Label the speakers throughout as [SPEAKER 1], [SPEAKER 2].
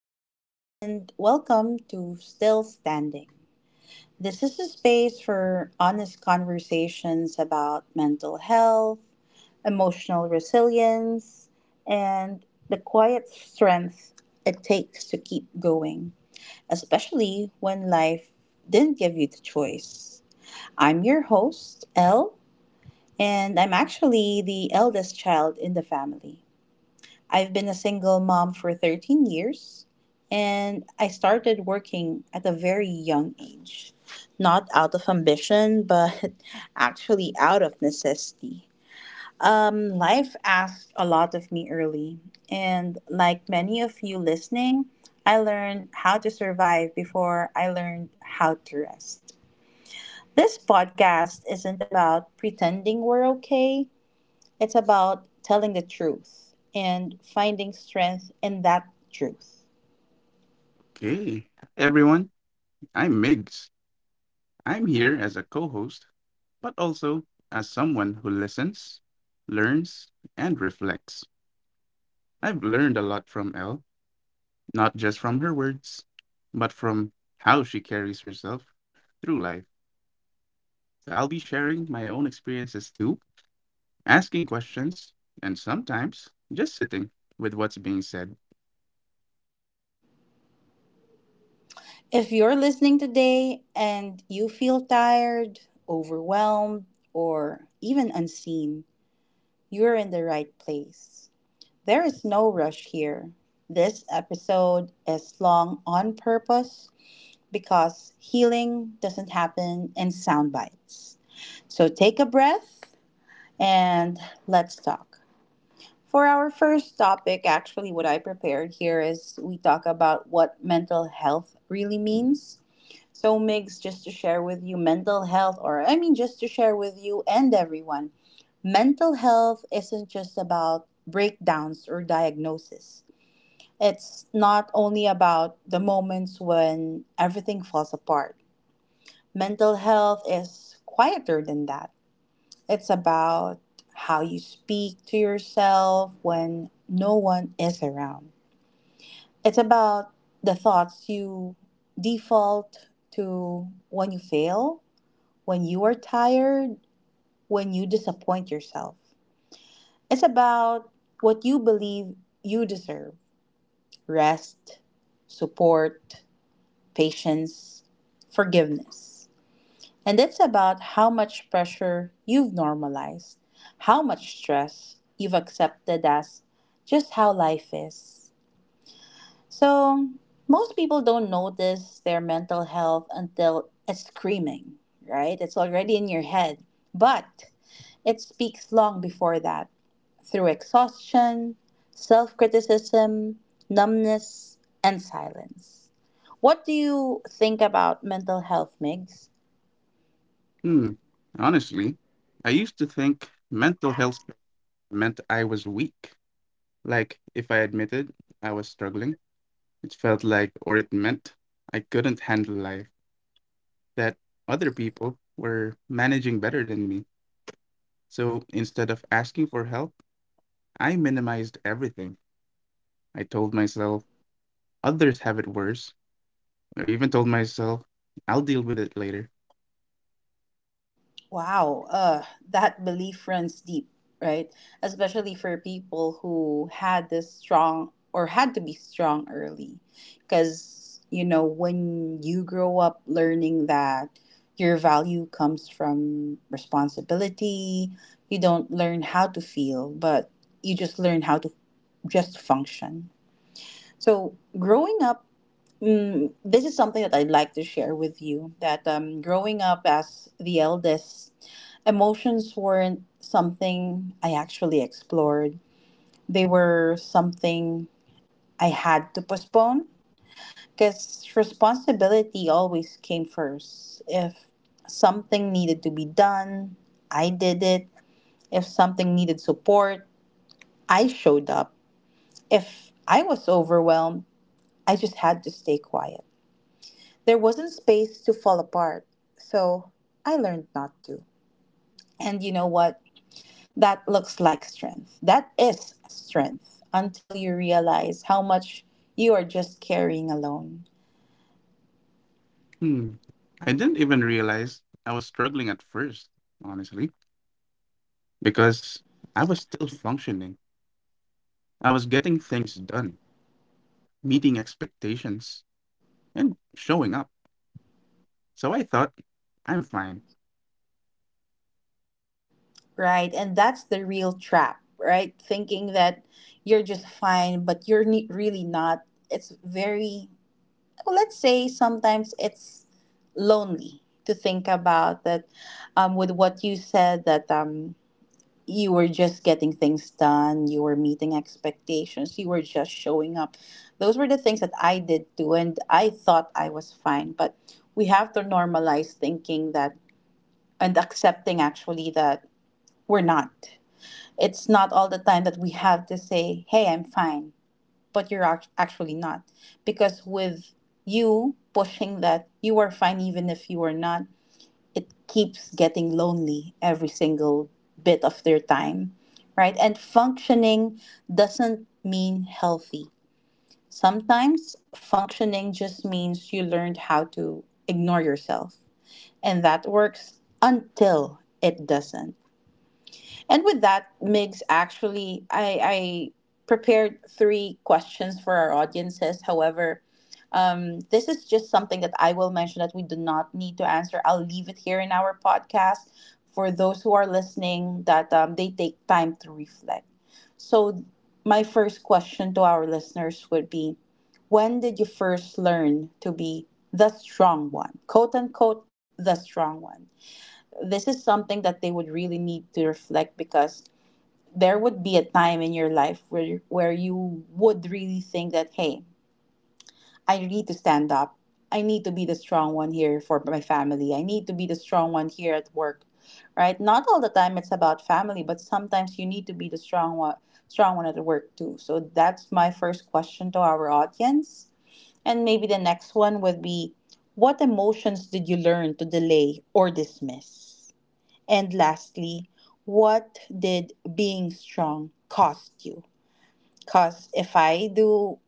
[SPEAKER 1] Hello and welcome to Still Standing. This is a space for honest conversations about mental health, emotional resilience, and the quiet strength it takes to keep going, especially when life didn't give you the choice. I'm your host, Elle, and I'm actually the eldest child in the family. I've been a single mom for 13 years, and I started working at a very young age. Not out of ambition, but actually out of necessity. Life asked a lot of me early, and like many of you listening, I learned how to survive before I learned how to rest. This podcast isn't about pretending we're okay. It's about telling the truth and finding strength in that truth.
[SPEAKER 2] Okay, everyone, I'm Migs. I'm here as a co host, but also as someone who listens, learns, and reflects. I've learned a lot from Elle, not just from her words, but from how she carries herself through life. So I'll be sharing my own experiences too, asking questions, and sometimes just sitting with what's being said.
[SPEAKER 1] If you're listening today and you feel tired, overwhelmed, or even unseen, you're in the right place. There is no rush here. This episode is long on purpose because healing doesn't happen in sound bites. So take a breath and let's talk. For our first topic, actually, what I prepared here is we talk about what mental health really means. So, Migs, just to share with you, mental health, or I mean, just to share with you and everyone, mental health isn't just about breakdowns or diagnosis. It's not only about the moments when everything falls apart. Mental health is quieter than that. It's about how you speak to yourself when no one is around. It's about the thoughts you default to when you fail, when you are tired, when you disappoint yourself. It's about what you believe you deserve: rest, support, patience, forgiveness. And it's about how much pressure you've normalized, how much stress you've accepted as just how life is. So, most people don't notice their mental health until it's screaming, right? It's already in your head. But it speaks long before that, through exhaustion, self criticism, numbness, and silence. What do you think about mental health, Migs?
[SPEAKER 2] Hmm, honestly, I used to think mental health meant I was weak. Like, if I admitted I was struggling, it felt like, or it meant, I couldn't handle life, that other people were managing better than me. So instead of asking for help, I minimized everything. I told myself, others have it worse. I even told myself, I'll deal with it later.
[SPEAKER 1] Wow, that belief runs deep, right? Especially for people who had this strong or had to be strong early. Because, you know, when you grow up learning that your value comes from responsibility, you don't learn how to feel, but you just learn how to just function. So, growing up. Mm, this is something that I'd like to share with you that growing up as the eldest, emotions weren't something I actually explored. They were something I had to postpone because responsibility always came first. If something needed to be done, I did it. If something needed support, I showed up. If I was overwhelmed, I just had to stay quiet. There wasn't space to fall apart. So I learned not to. And you know what? That looks like strength. That is strength until you realize how much you are just carrying alone,
[SPEAKER 2] Hmm. I didn't even realize I was struggling at first, honestly, because I was still functioning. I was getting things done, meeting expectations, and showing up. So I thought, I'm fine.
[SPEAKER 1] right? And that's the real trap, right? Thinking that you're just fine, but you're really not. It's very, well, let's say sometimes it's lonely to think about that, with what you said that. You were just getting things done, you were meeting expectations, you were just showing up. Those were the things that I did too, and I thought I was fine. But we have to normalize thinking that and accepting actually that we're not. It's not all the time that we have to say, hey, I'm fine, but you're actually not. Because with you pushing that you are fine even if you are not, it keeps getting lonely every single bit of their time, right? And functioning doesn't mean healthy. Sometimes functioning just means you learned how to ignore yourself, and that works until it doesn't. And with that, Migs, actually, I prepared three questions for our audiences. However, this is just something that I will mention that we do not need to answer. I'll leave it here in our podcast for those who are listening that they take time to reflect. So, my first question to our listeners would be: when did you first learn to be the strong one? Quote unquote, the strong one. This is something that they would really need to reflect because there would be a time in your life where you would really think that, hey, I need to stand up. I need to be the strong one here for my family. I need to be the strong one here at work. Right? Not all the time it's about family, but sometimes you need to be the strong one, strong one at work too. So that's my first question to our audience. And maybe the next one would be, what emotions did you learn to delay or dismiss? And lastly, what did being strong cost you? Because if I do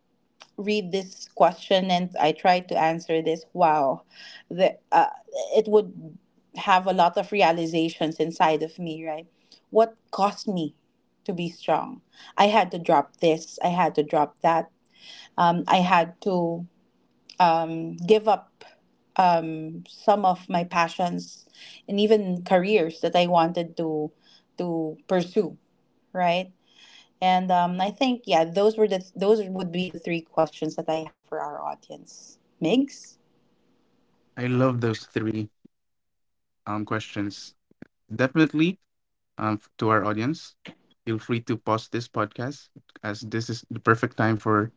[SPEAKER 1] read this question and I try to answer this, wow, the, uh, it would have a lot of realizations inside of me, right? What caused me to be strong? I had to drop this, I had to drop that. I had to give up some of my passions and even careers that I wanted to pursue, right? And I think yeah, those were the those would be the three questions that I have for our audience. Migs.
[SPEAKER 2] I love those three questions. Definitely, to our audience, feel free to pause this podcast as this is the perfect time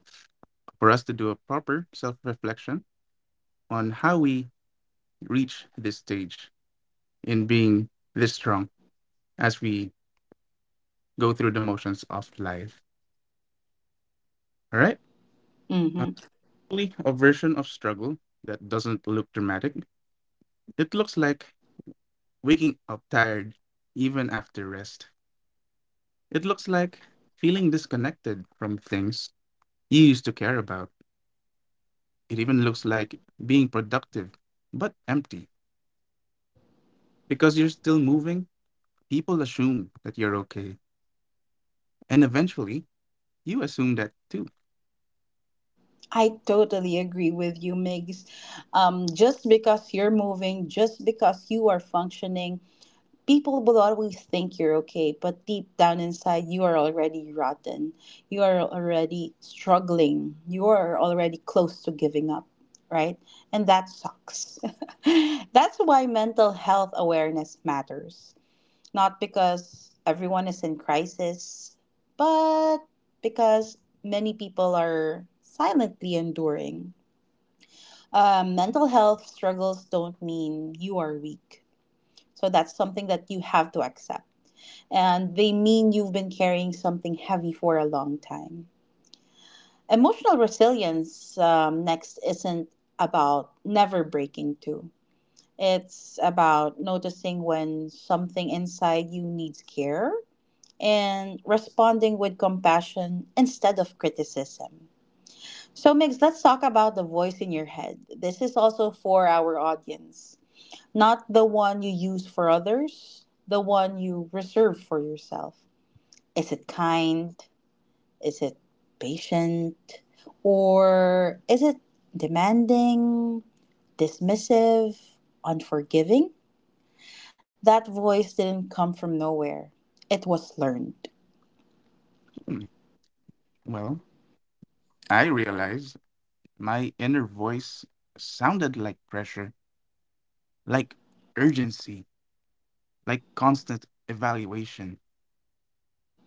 [SPEAKER 2] for us to do a proper self reflection on how we reach this stage in being this strong as we go through the motions of life. All right. Uh,
[SPEAKER 1] Mm-hmm.
[SPEAKER 2] Probably a version of struggle that doesn't look dramatic. It looks like waking up tired even after rest. It looks like feeling disconnected from things you used to care about. It even looks like being productive, but empty. Because you're still moving, people assume that you're okay. And eventually, you assume that too.
[SPEAKER 1] I totally agree with you, Migs. Just because you're moving, just because you are functioning, people will always think you're okay, but deep down inside, you are already rotten. You are already struggling. You are already close to giving up, right? And that sucks. That's why mental health awareness matters, not because everyone is in crisis, but because many people are silently enduring. Mental health struggles don't mean you are weak. So that's something that you have to accept. And they mean you've been carrying something heavy for a long time. Emotional resilience, next, isn't about never breaking too. It's about noticing when something inside you needs care and responding with compassion instead of criticism. So, Migs, let's talk about the voice in your head. This is also for our audience, not the one you use for others, the one you reserve for yourself. Is it kind? Is it patient? Or is it demanding, dismissive, unforgiving? That voice didn't come from nowhere, it was learned.
[SPEAKER 2] Hmm. Well, I realized my inner voice sounded like pressure, like urgency, like constant evaluation.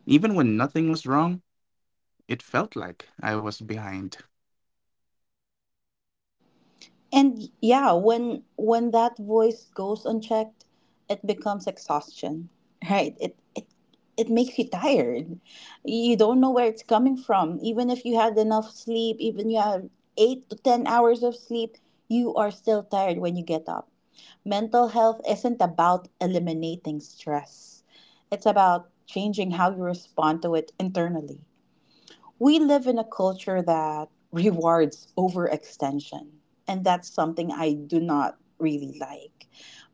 [SPEAKER 2] Even when nothing was wrong, it felt like I was behind.
[SPEAKER 1] And yeah, when that voice goes unchecked, it becomes exhaustion, right? It makes you tired. You don't know where it's coming from. Even if you had enough sleep, even you have 8 to 10 hours of sleep, you are still tired when you get up. Mental health isn't about eliminating stress. It's about changing how you respond to it internally. We live in a culture that rewards overextension, and that's something I do not really like.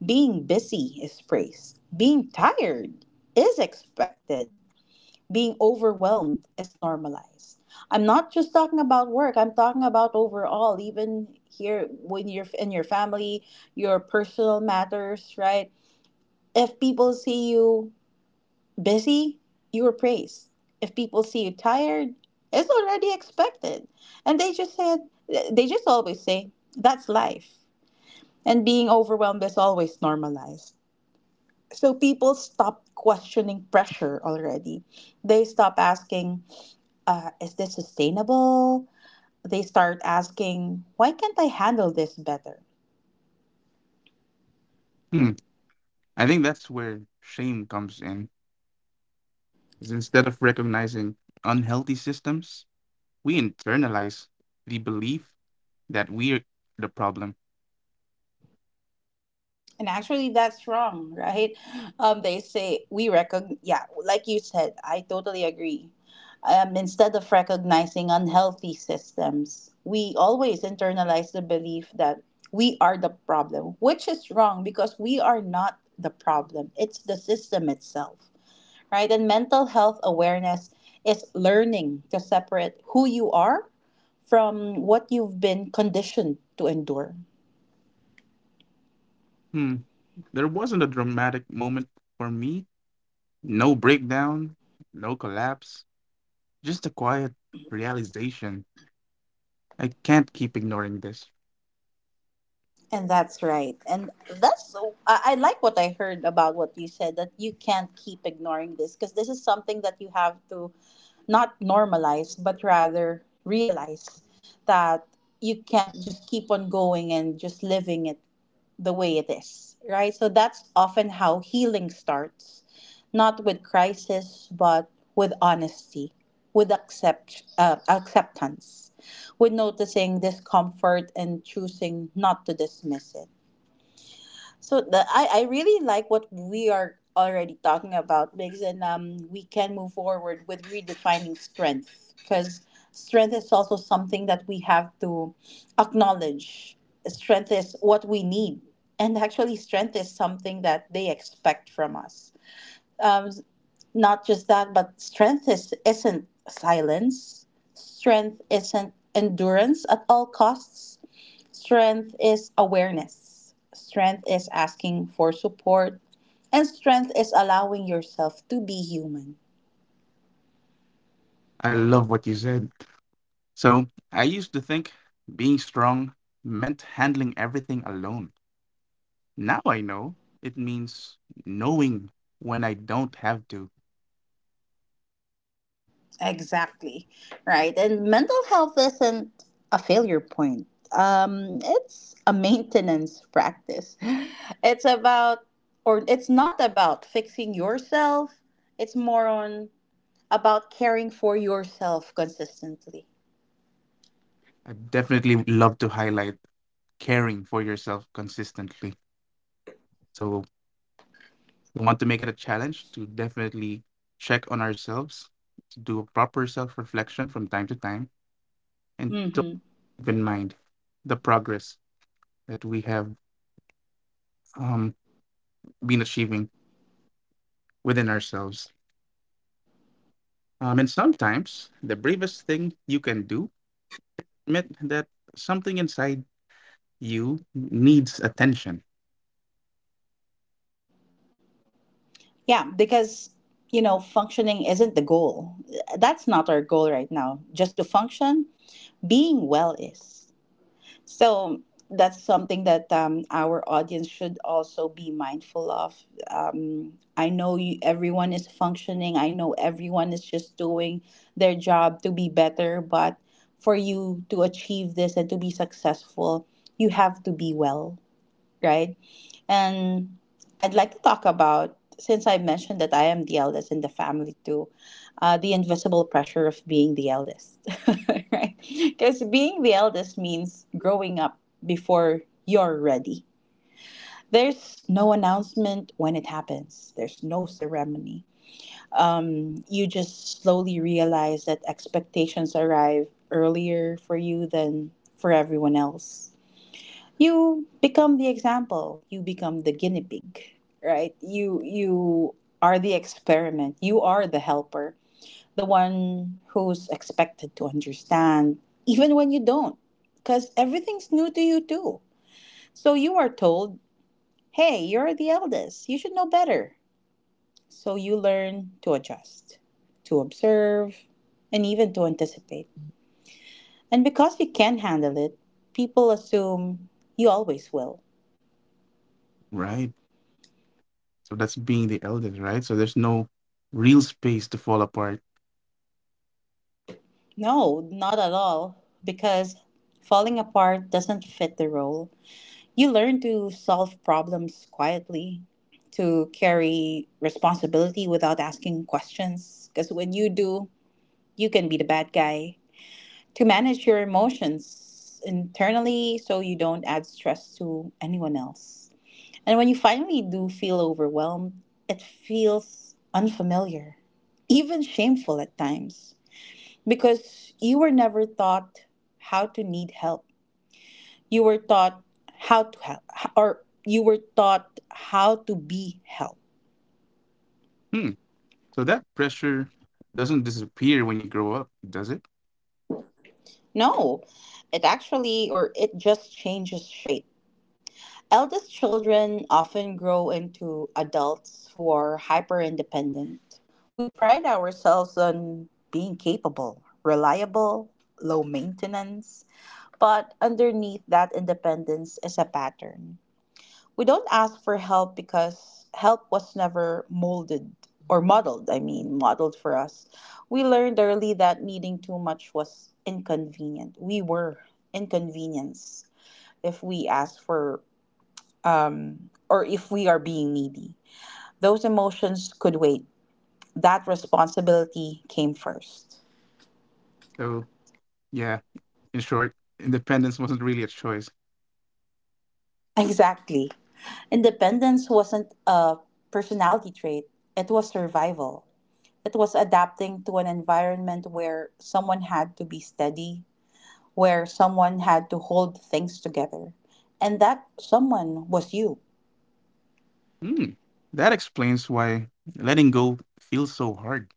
[SPEAKER 1] Being busy is praised, being tired is expected, being overwhelmed is normalized. I'm not just talking about work, I'm talking about overall, even here when you're in your family, your personal matters, right? If people see you busy, you are praised. If people see you tired, it's already expected. And they just said, they just always say, that's life. And being overwhelmed is always normalized. So people stop questioning pressure already. They stop asking, is this sustainable? They start asking, why can't I handle this better?
[SPEAKER 2] Hmm. I think that's where shame comes in is instead of recognizing unhealthy systems, we internalize the belief that we're the problem.
[SPEAKER 1] And actually, that's wrong, right? They say we recognize, yeah, like you said, I totally agree. Instead of recognizing unhealthy systems, we always internalize the belief that we are the problem, which is wrong because we are not the problem. It's the system itself, right? And mental health awareness is learning to separate who you are from what you've been conditioned to endure.
[SPEAKER 2] Hmm. There wasn't a dramatic moment for me. No breakdown, no collapse, just a quiet realization. I can't keep ignoring this.
[SPEAKER 1] And that's right. And that's, I like what I heard about what you said that you can't keep ignoring this because this is something that you have to not normalize but rather realize that you can't just keep on going and just living it the way it is, right? So that's often how healing starts, not with crisis but with honesty, with acceptance, with noticing discomfort and choosing not to dismiss it. So I really like what we are already talking about because, and we can move forward with redefining strength because strength is also something that we have to acknowledge. Strength is what we need. And actually, strength is something that they expect from us. Um, Not just that, but isn't silence. Strength isn't endurance at all costs. Strength is awareness. Strength is asking for support. And strength is allowing yourself to be human.
[SPEAKER 2] I love what you said. So I used to think being strong meant handling everything alone. Now I know it means knowing when I don't have to.
[SPEAKER 1] Exactly. Right. And mental health isn't a failure point, it's a maintenance practice. It's about, or it's not about fixing yourself, it's more on about caring for yourself consistently.
[SPEAKER 2] I definitely would love to highlight caring for yourself consistently. So we want to make it a challenge to definitely check on ourselves, to do a proper self reflection from time to time, and to
[SPEAKER 1] Mhm.
[SPEAKER 2] keep in mind the progress that we have um, been achieving within ourselves. And sometimes the bravest thing you can do, admit that something inside you needs attention,
[SPEAKER 1] Yeah, because you know, functioning isn't the goal. That's not our goal right now. Just to function, being well is. So that's something that our audience should also be mindful of. I know you, everyone is functioning. I know everyone is just doing their job to be better, but for you to achieve this and to be successful, you have to be well, right? And I'd like to talk about, since I mentioned that I am the eldest in the family too, the invisible pressure of being the eldest, right? Because being the eldest means growing up before you're ready. There's no announcement when it happens, there's no ceremony. You just slowly realize that expectations arrive earlier for you than for everyone else. You become the example, you become the guinea pig, right? You are the experiment, you are the helper, the one who's expected to understand even when you don't, because everything's new to you too. So you are told, hey, you're the eldest, you should know better. So you learn to adjust, to observe, and even to anticipate. And because you can handle it, people assume you always will.
[SPEAKER 2] right? So that's being the eldest, right? So there's no real space to fall apart.
[SPEAKER 1] No, not at all. Because falling apart doesn't fit the role. You learn to solve problems quietly, to carry responsibility without asking questions. Because when you do, you can be the bad guy. To manage your emotions internally so you don't add stress to anyone else. And when you finally do feel overwhelmed, it feels unfamiliar, even shameful at times, because you were never taught how to need help. You were taught how to help, or you were taught how to be helped.
[SPEAKER 2] Hmm. So that pressure doesn't disappear when you grow up, does it?
[SPEAKER 1] No, it actually, or it just changes shape. Eldest children often grow into adults who are hyper independent. We pride ourselves on being capable, reliable, low maintenance, but underneath that independence is a pattern. We don't ask for help because help was never molded, or modeled, I mean, modeled for us. We learned early that needing too much was inconvenient. We were inconvenienced if we ask for or if we are being needy. Those emotions could wait. That responsibility came first.
[SPEAKER 2] So yeah, in short, independence wasn't really a choice.
[SPEAKER 1] Exactly. Independence wasn't a personality trait, it was survival. It was adapting to an environment where someone had to be steady, where someone had to hold things together. And that someone was you.
[SPEAKER 2] Hmm. That explains why letting go feels so hard.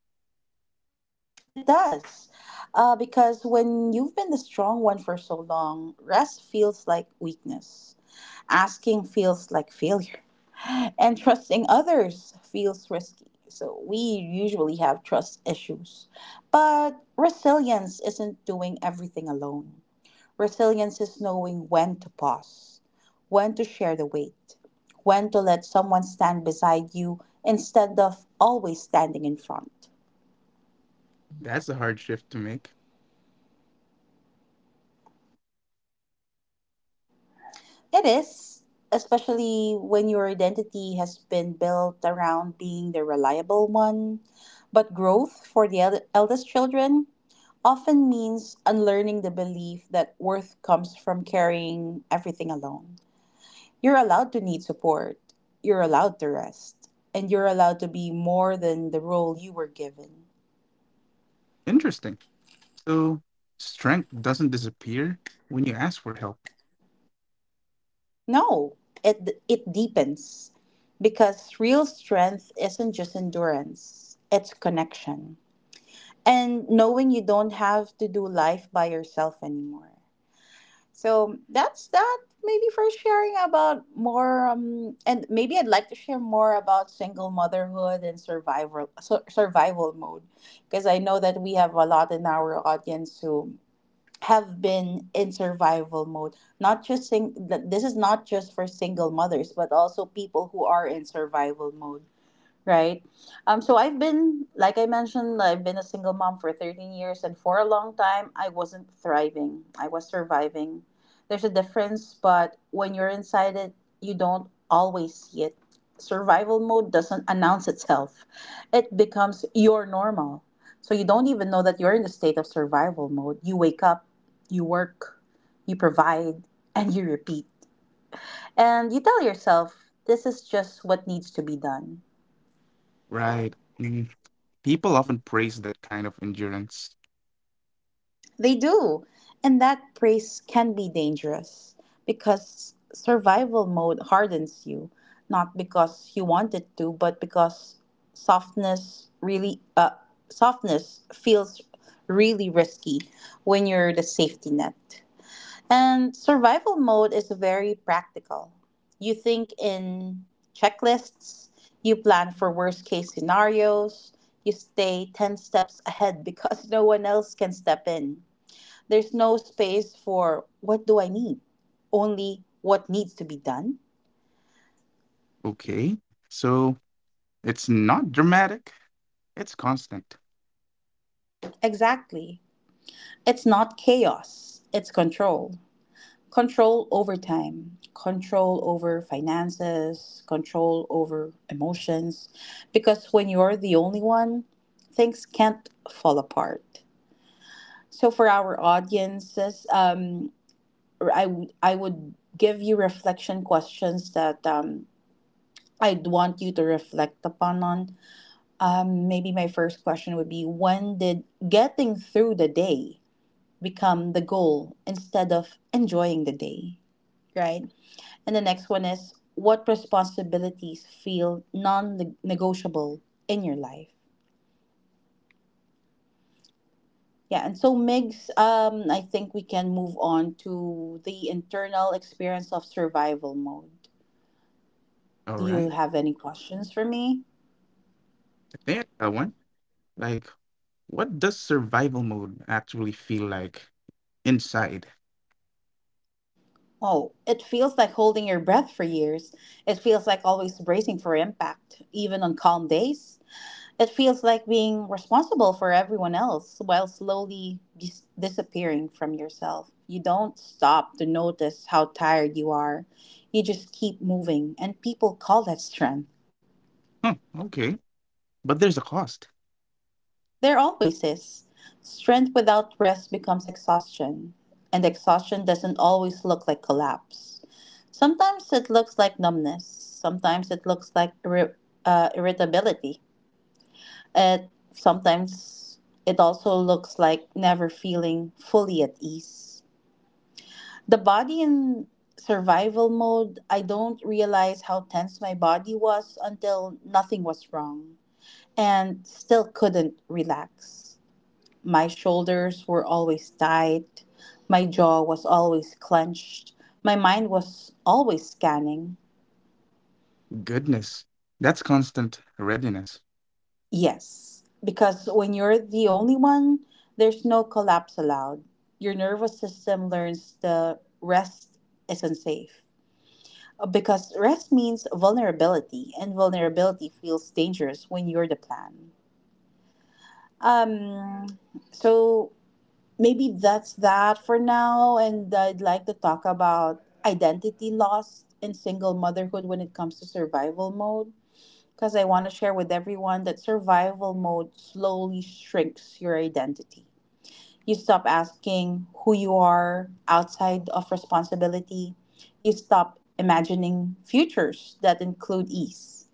[SPEAKER 1] It does. Because when you've been the strong one for so long, rest feels like weakness. Asking feels like failure. And trusting others feels risky. So we usually have trust issues. But resilience isn't doing everything alone. Resilience is knowing when to pause, when to share the weight, when to let someone stand beside you instead of always standing in front.
[SPEAKER 2] That's a hard shift to make.
[SPEAKER 1] It is, especially when your identity has been built around being the reliable one. But growth for the eldest children often means unlearning the belief that worth comes from carrying everything alone. You're allowed to need support, you're allowed to rest, and you're allowed to be more than the role you were given.
[SPEAKER 2] Interesting. So strength doesn't disappear when you ask for help.
[SPEAKER 1] No, it deepens because real strength isn't just endurance, it's connection. And knowing you don't have to do life by yourself anymore. So that's that. Maybe for sharing about more, and maybe I'd like to share more about single motherhood and survival survival mode, because I know that we have a lot in our audience who have been in survival mode. Not just this is not just for single mothers, but also people who are in survival mode. Right. So I've been, like I mentioned, I've been a single mom for 13 years, and for a long time, I wasn't thriving. I was surviving. There's a difference, but when you're inside it, you don't always see it. Survival mode doesn't announce itself, it becomes your normal. So you don't even know that you're in the state of survival mode. You wake up, you work, you provide, and you repeat. And you tell yourself, this is just what needs to be done.
[SPEAKER 2] Right. Mm. People often praise that kind of endurance.
[SPEAKER 1] They do. And that praise can be dangerous because survival mode hardens you, not because you wanted to, but because softness really softness feels really risky when you're the safety net. And survival mode is very practical. You think in checklists, you plan for worst case scenarios, you stay 10 steps ahead because no one else can step in. There's no space for what do I need? Only what needs to be done?
[SPEAKER 2] Okay. So it's not dramatic. It's constant.
[SPEAKER 1] Exactly. It's not chaos, it's control. Control over time, control over finances, control over emotions. Because when you're the only one, things can't fall apart. So for our audiences, I would give you reflection questions that I'd want you to reflect upon on. Maybe my first question would be, when did getting through the day become the goal instead of enjoying the day, right? And the next one is, what responsibilities feel non negotiable in your life? Yeah, and so Migs, I think we can move on to the internal experience of survival mode.
[SPEAKER 2] All
[SPEAKER 1] Do you
[SPEAKER 2] right.
[SPEAKER 1] have any questions for me?
[SPEAKER 2] I think I got one. Like, what does survival mode actually feel like inside?
[SPEAKER 1] Oh, it feels like holding your breath for years. It feels like always bracing for impact, even on calm days. It feels like being responsible for everyone else while slowly disappearing from yourself. You don't stop to notice how tired you are. You just keep moving, and people call that strength.
[SPEAKER 2] Hmm. Okay. But there's a cost.
[SPEAKER 1] There always is. Strength without rest becomes exhaustion, and exhaustion doesn't always look like collapse. Sometimes it looks like numbness, sometimes it looks like irritability. It sometimes, it also looks like never feeling fully at ease. The body in survival mode, I don't realize how tense my body was until nothing was wrong and still couldn't relax. My shoulders were always tight. My jaw was always clenched. My mind was always scanning.
[SPEAKER 2] Goodness. That's constant readiness.
[SPEAKER 1] Yes, because when you're the only one, there's no collapse allowed. Your nervous system learns the rest isn't safe. Because rest means vulnerability, and vulnerability feels dangerous when you're the plan. Um, so maybe that's that for now. And I'd like to talk about identity loss in single motherhood when it comes to survival mode. Because I want to share with everyone that survival mode slowly shrinks your identity. You stop asking who you are outside of responsibility. You stop imagining futures that include ease.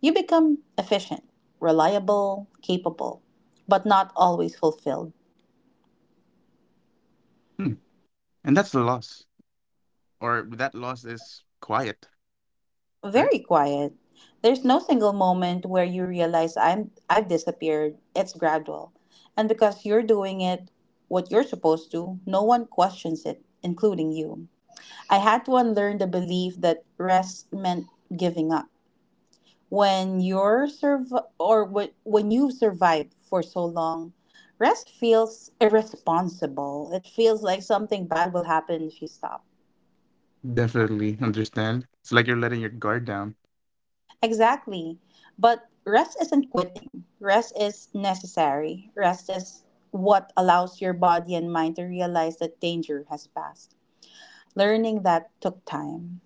[SPEAKER 1] You become efficient, reliable, capable, but not always fulfilled.
[SPEAKER 2] Hmm. And that's a loss. Or that loss is quiet, right?
[SPEAKER 1] Very quiet. There's no single moment where you realize I've disappeared. It's gradual. And because you're doing it what you're supposed to, no one questions it, including you. I had to unlearn the belief that rest meant giving up. When you're serv or wh- when you've survived for so long, rest feels irresponsible. It feels like something bad will happen if you stop.
[SPEAKER 2] Definitely understand. It's like you're letting your guard down.
[SPEAKER 1] Exactly. But rest isn't quitting. Rest is necessary. Rest is what allows your body and mind to realize that danger has passed. Learning that took time.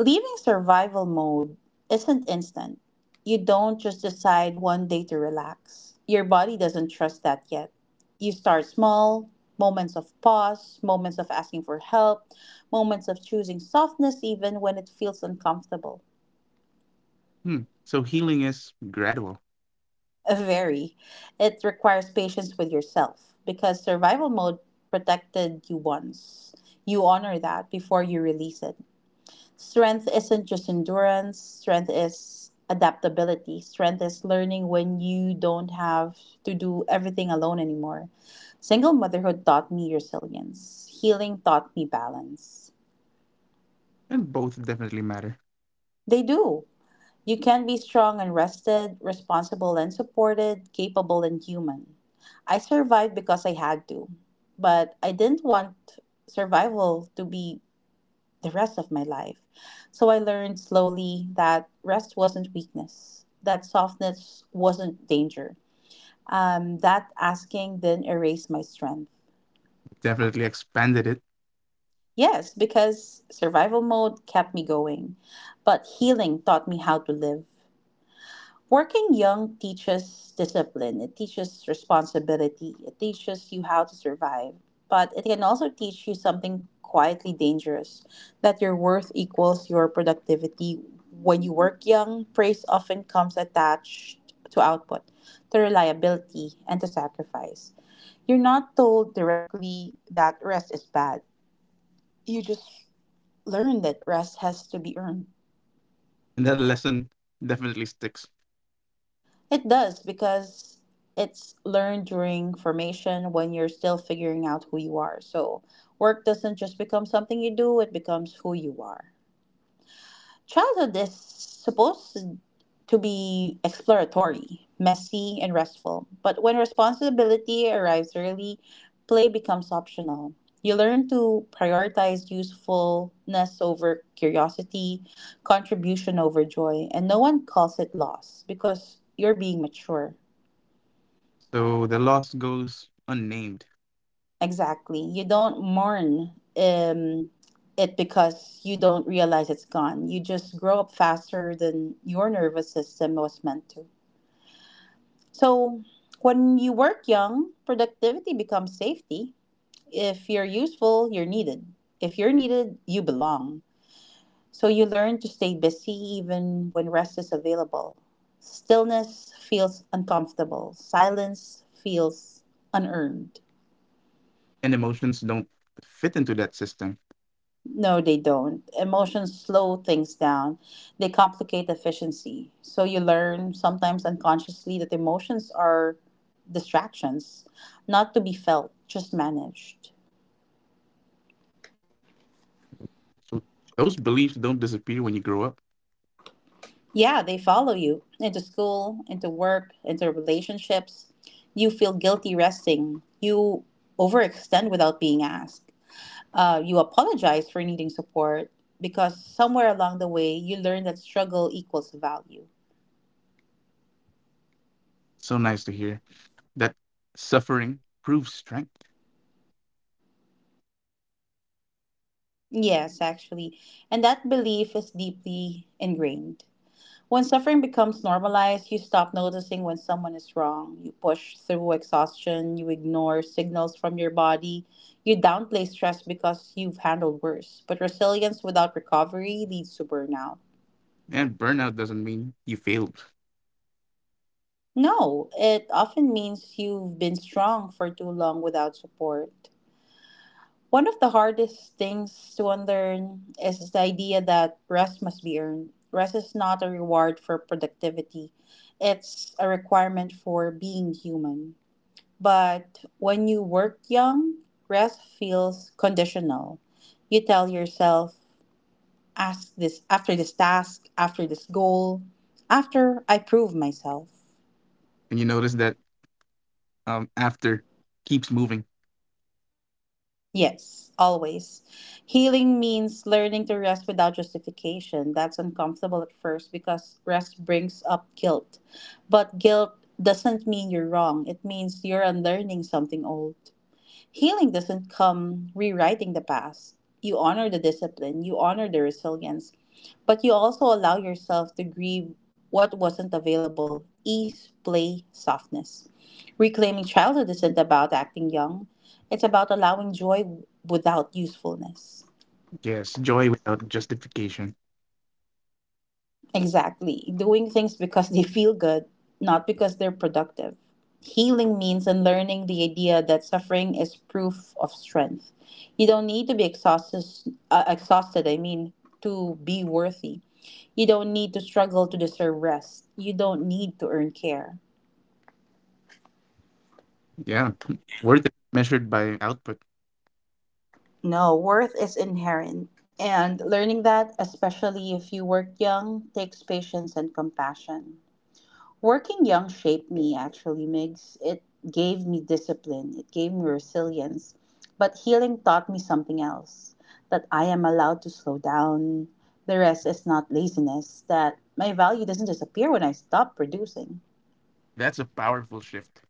[SPEAKER 1] Leaving survival mode isn't instant. You don't just decide one day to relax. Your body doesn't trust that yet. You start small, moments of pause, moments of asking for help, moments of choosing softness even when it feels uncomfortable.
[SPEAKER 2] Hmm. So healing is gradual.
[SPEAKER 1] Very. It requires patience with yourself because survival mode protected you once. You honor that before you release it. Strength isn't just endurance, strength is adaptability. Strength is learning when you don't have to do everything alone anymore. Single motherhood taught me resilience, healing taught me balance.
[SPEAKER 2] And both definitely matter.
[SPEAKER 1] They do. You can be strong and rested, responsible and supported, capable and human. I survived because I had to, but I didn't want survival to be the rest of my life. So I learned slowly that rest wasn't weakness, that softness wasn't danger, that asking didn't erase my strength.
[SPEAKER 2] Definitely expanded it.
[SPEAKER 1] Yes, because survival mode kept me going, but healing taught me how to live. Working young teaches discipline, it teaches responsibility, it teaches you how to survive, but it can also teach you something quietly dangerous, that your worth equals your productivity. When you work young, praise often comes attached to output, to reliability, and to sacrifice. You're not told directly that rest is bad, you just learn that rest has to be earned.
[SPEAKER 2] And that lesson definitely sticks.
[SPEAKER 1] It does because it's learned during formation when you're still figuring out who you are. So work doesn't just become something you do, it becomes who you are. Childhood is supposed to be exploratory, messy, and restful. But when responsibility arrives early, play becomes optional. You learn to prioritize usefulness over curiosity, contribution over joy, and no one calls it loss because you're being mature.
[SPEAKER 2] So the loss goes unnamed,
[SPEAKER 1] Exactly. You don't mourn it because you don't realize it's gone. You just grow up faster than your nervous system was meant to. So, when you work young, productivity becomes safety. If you're useful, you're needed. If you're needed, you belong. So, you learn to stay busy even when rest is available. Stillness feels uncomfortable, silence feels unearned.
[SPEAKER 2] and emotions don't fit into that system.
[SPEAKER 1] No, they don't. Emotions slow things down. They complicate efficiency. So you learn, sometimes unconsciously, that emotions are distractions, not to be felt, just managed.
[SPEAKER 2] So those beliefs don't disappear when you grow up.
[SPEAKER 1] Yeah, they follow you into school, into work, into relationships. You feel guilty resting. You overextend without being asked. You apologize for needing support because somewhere along the way you learn that struggle equals value.
[SPEAKER 2] So nice to hear that suffering proves strength,
[SPEAKER 1] Yes, actually. And that belief is deeply ingrained. When suffering becomes normalized, you stop noticing when someone is wrong. You push through exhaustion, you ignore signals from your body, you downplay stress because you've handled worse. But resilience without recovery leads to burnout.
[SPEAKER 2] and burnout doesn't mean you failed.
[SPEAKER 1] No, it often means you've been strong for too long without support. One of the hardest things to unlearn is the idea that rest must be earned. Rest is not a reward for productivity, it's a requirement for being human. But when you work young, rest feels conditional. You tell yourself, ask this after this task, after this goal, after I prove myself.
[SPEAKER 2] And you notice that after keeps moving.
[SPEAKER 1] Yes, always. Healing means learning to rest without justification. That's uncomfortable at first because rest brings up guilt. But guilt doesn't mean you're wrong, it means you're unlearning something old. Healing doesn't come rewriting the past. You honor the discipline, you honor the resilience, but you also allow yourself to grieve what wasn't available. Ease, play, softness. Reclaiming childhood isn't about acting young, it's about allowing joy without usefulness.
[SPEAKER 2] Yes, joy without justification.
[SPEAKER 1] Exactly. Doing things because they feel good, not because they're productive. Healing means unlearning the idea that suffering is proof of strength. You don't need to be exhausted, exhausted, I mean, to be worthy. You don't need to struggle to deserve rest. You don't need to earn care.
[SPEAKER 2] Yeah, worth it measured by output.
[SPEAKER 1] No, worth is inherent. And learning that, especially if you work young, takes patience and compassion. Working young shaped me actually, Migs. It gave me discipline, it gave me resilience. But healing taught me something else that I am allowed to slow down. The rest is not laziness, that my value doesn't disappear when I stop producing.
[SPEAKER 2] That's a powerful shift.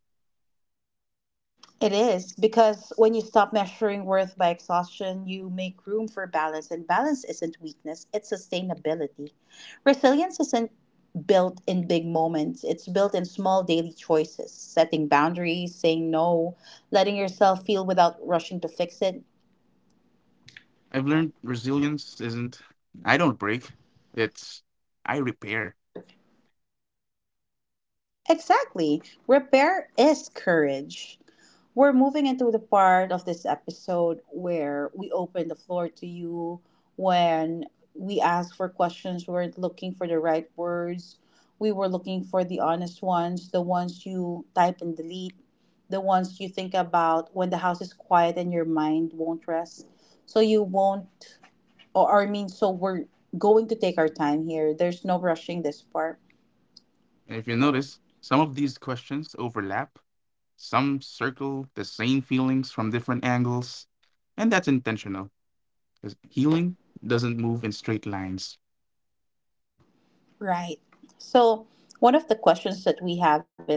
[SPEAKER 1] It is because when you stop measuring worth by exhaustion, you make room for balance, and balance isn't weakness, it's sustainability. Resilience isn't built in big moments, it's built in small daily choices, setting boundaries, saying no, letting yourself feel without rushing to fix it.
[SPEAKER 2] I've learned resilience isn't. I don't break. It's I repair.
[SPEAKER 1] Exactly. Repair is courage. We're moving into the part of this episode where we open the floor to you when we ask for questions. We weren't looking for the right words. We were looking for the honest ones, the ones you type and delete, the ones you think about when the house is quiet and your mind won't rest. So you won't, or I mean, so we're going to take our time here. There's no rushing this part.
[SPEAKER 2] And if you notice, some of these questions overlap. Some circle the same feelings from different angles, and that's intentional because healing doesn't move in straight lines.
[SPEAKER 1] Right. So, one of the questions that we have is,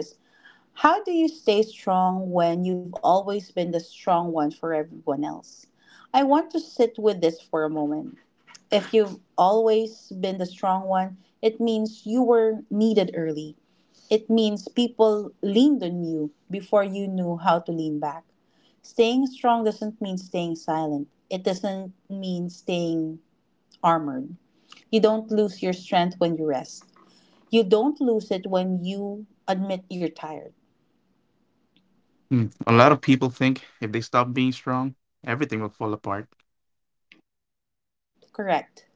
[SPEAKER 1] how do you stay strong when you've always been the strong one for everyone else? I want to sit with this for a moment. If you've always been the strong one, it means you were needed early. It means people leaned on you before you knew how to lean back. Staying strong doesn't mean staying silent, it doesn't mean staying armored. You don't lose your strength when you rest. You don't lose it when you admit you're tired.
[SPEAKER 2] Hmm. A lot of people think if they stop being strong, everything will fall apart.
[SPEAKER 1] Correct.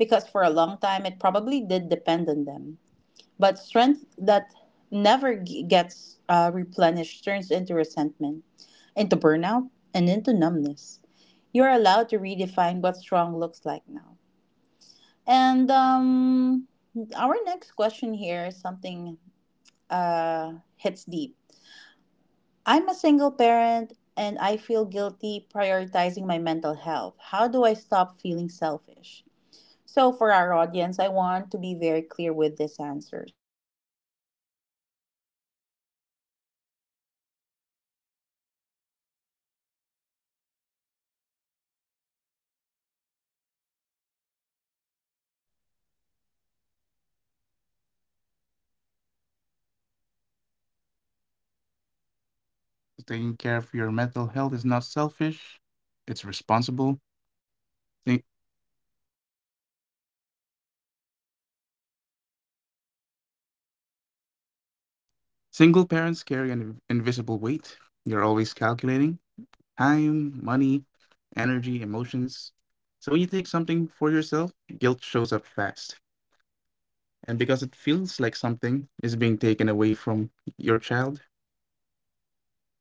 [SPEAKER 1] Because for a long time, it probably did depend on them. But strength that never g- gets replenished turns into resentment, into burnout, and into numbness. You're allowed to redefine what strong looks like now. And Our next question here is something hits deep. I'm a single parent and I feel guilty prioritizing my mental health. How do I stop feeling selfish? So, for our audience, I want to be very clear with.
[SPEAKER 2] Taking care of your mental health is not selfish, it's responsible. Think- Single parents carry an invisible weight. You're always calculating time, money, energy, emotions. So when you take something for yourself, guilt shows up fast, and because it feels like something is being taken away from your child,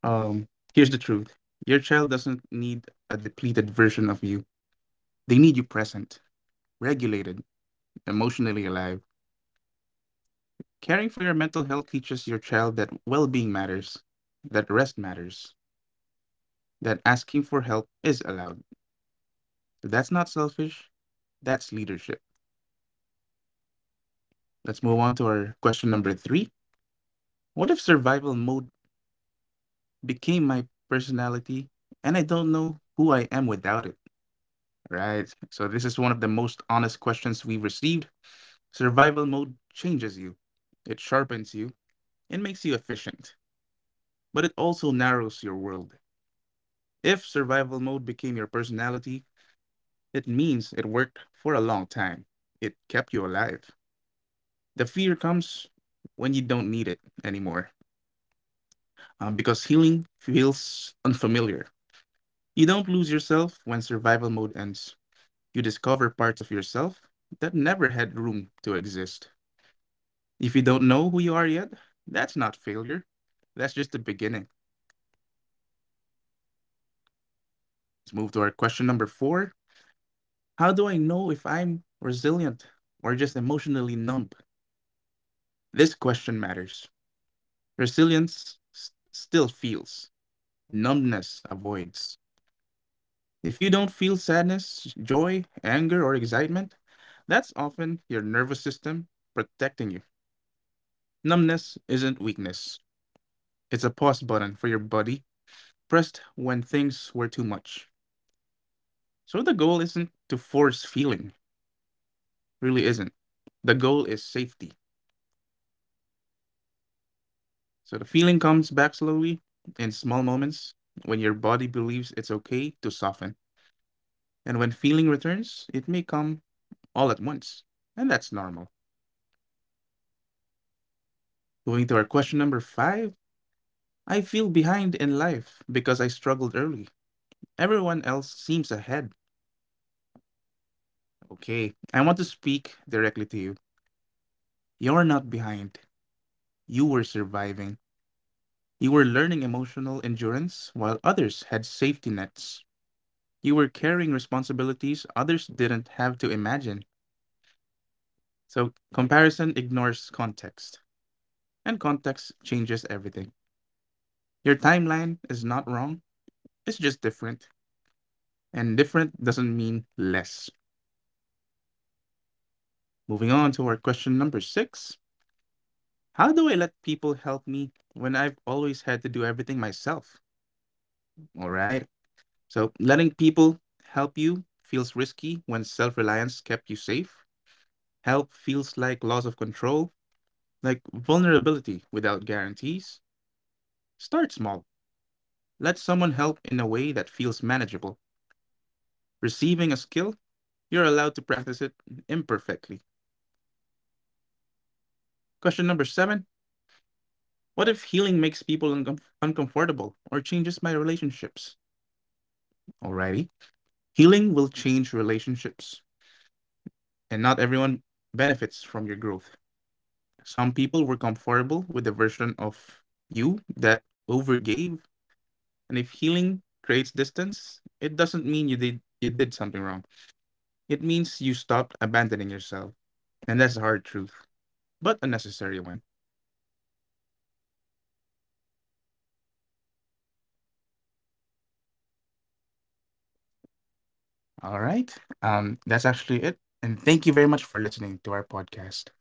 [SPEAKER 2] um here's the truth. Your child doesn't need a depleted version of you. They need you present, regulated, emotionally alive. Caring for your mental health teaches your child that well-being matters, that rest matters, that asking for help is allowed. That's not selfish, that's leadership. Let's move on to our question number 3. What if survival mode became my personality, and I don't know who I am without it? Right. So this is one of the most honest questions we've received. Survival mode changes you. It sharpens you. It makes you efficient, but it also narrows your world. If survival mode became your personality, it means it worked for a long time. It kept you alive. The fear comes when you don't need it anymore, because healing feels unfamiliar. You don't lose yourself when survival mode ends. You discover parts of yourself that never had room to exist. If you don't know who you are yet, that's not failure. That's just the beginning. Let's move to our question number four. How do I know if I'm resilient or just emotionally numb? This question matters. Resilience still feels, numbness avoids. If you don't feel sadness, joy, anger, or excitement, that's often your nervous system protecting you. Numbness isn't weakness, it's a pause button for your body pressed when things were too much. So the goal isn't to force feeling, really isn't. The goal is safety. So the feeling comes back slowly in small moments when your body believes it's okay to soften. And when feeling returns, it may come all at once. And that's normal. Going to our question number five. I feel behind in life because I struggled early. Everyone else seems ahead. Okay, I want to speak directly to you. You're not behind, you were surviving. You were learning emotional endurance while others had safety nets. You were carrying responsibilities others didn't have to imagine. So, comparison ignores context, and context changes everything. Your timeline is not wrong, it's just different. And different doesn't mean less. Moving on to our question number six. How do I let people help me when I've always had to do everything myself? All right. So, letting people help you feels risky when self reliance kept you safe. Help feels like loss of control, like vulnerability without guarantees. Start small. Let someone help in a way that feels manageable. Receiving a skill, you're allowed to practice it imperfectly. Question number seven. What if healing makes people uncomfortable or changes my relationships? Alrighty. Healing will change relationships, and not everyone benefits from your growth. Some people were comfortable with the version of you that overgave. And if healing creates distance, it doesn't mean you did something wrong. It means you stopped abandoning yourself. And that's a hard truth, but a necessary one. All right. That's actually it. And thank you very much for listening to our podcast.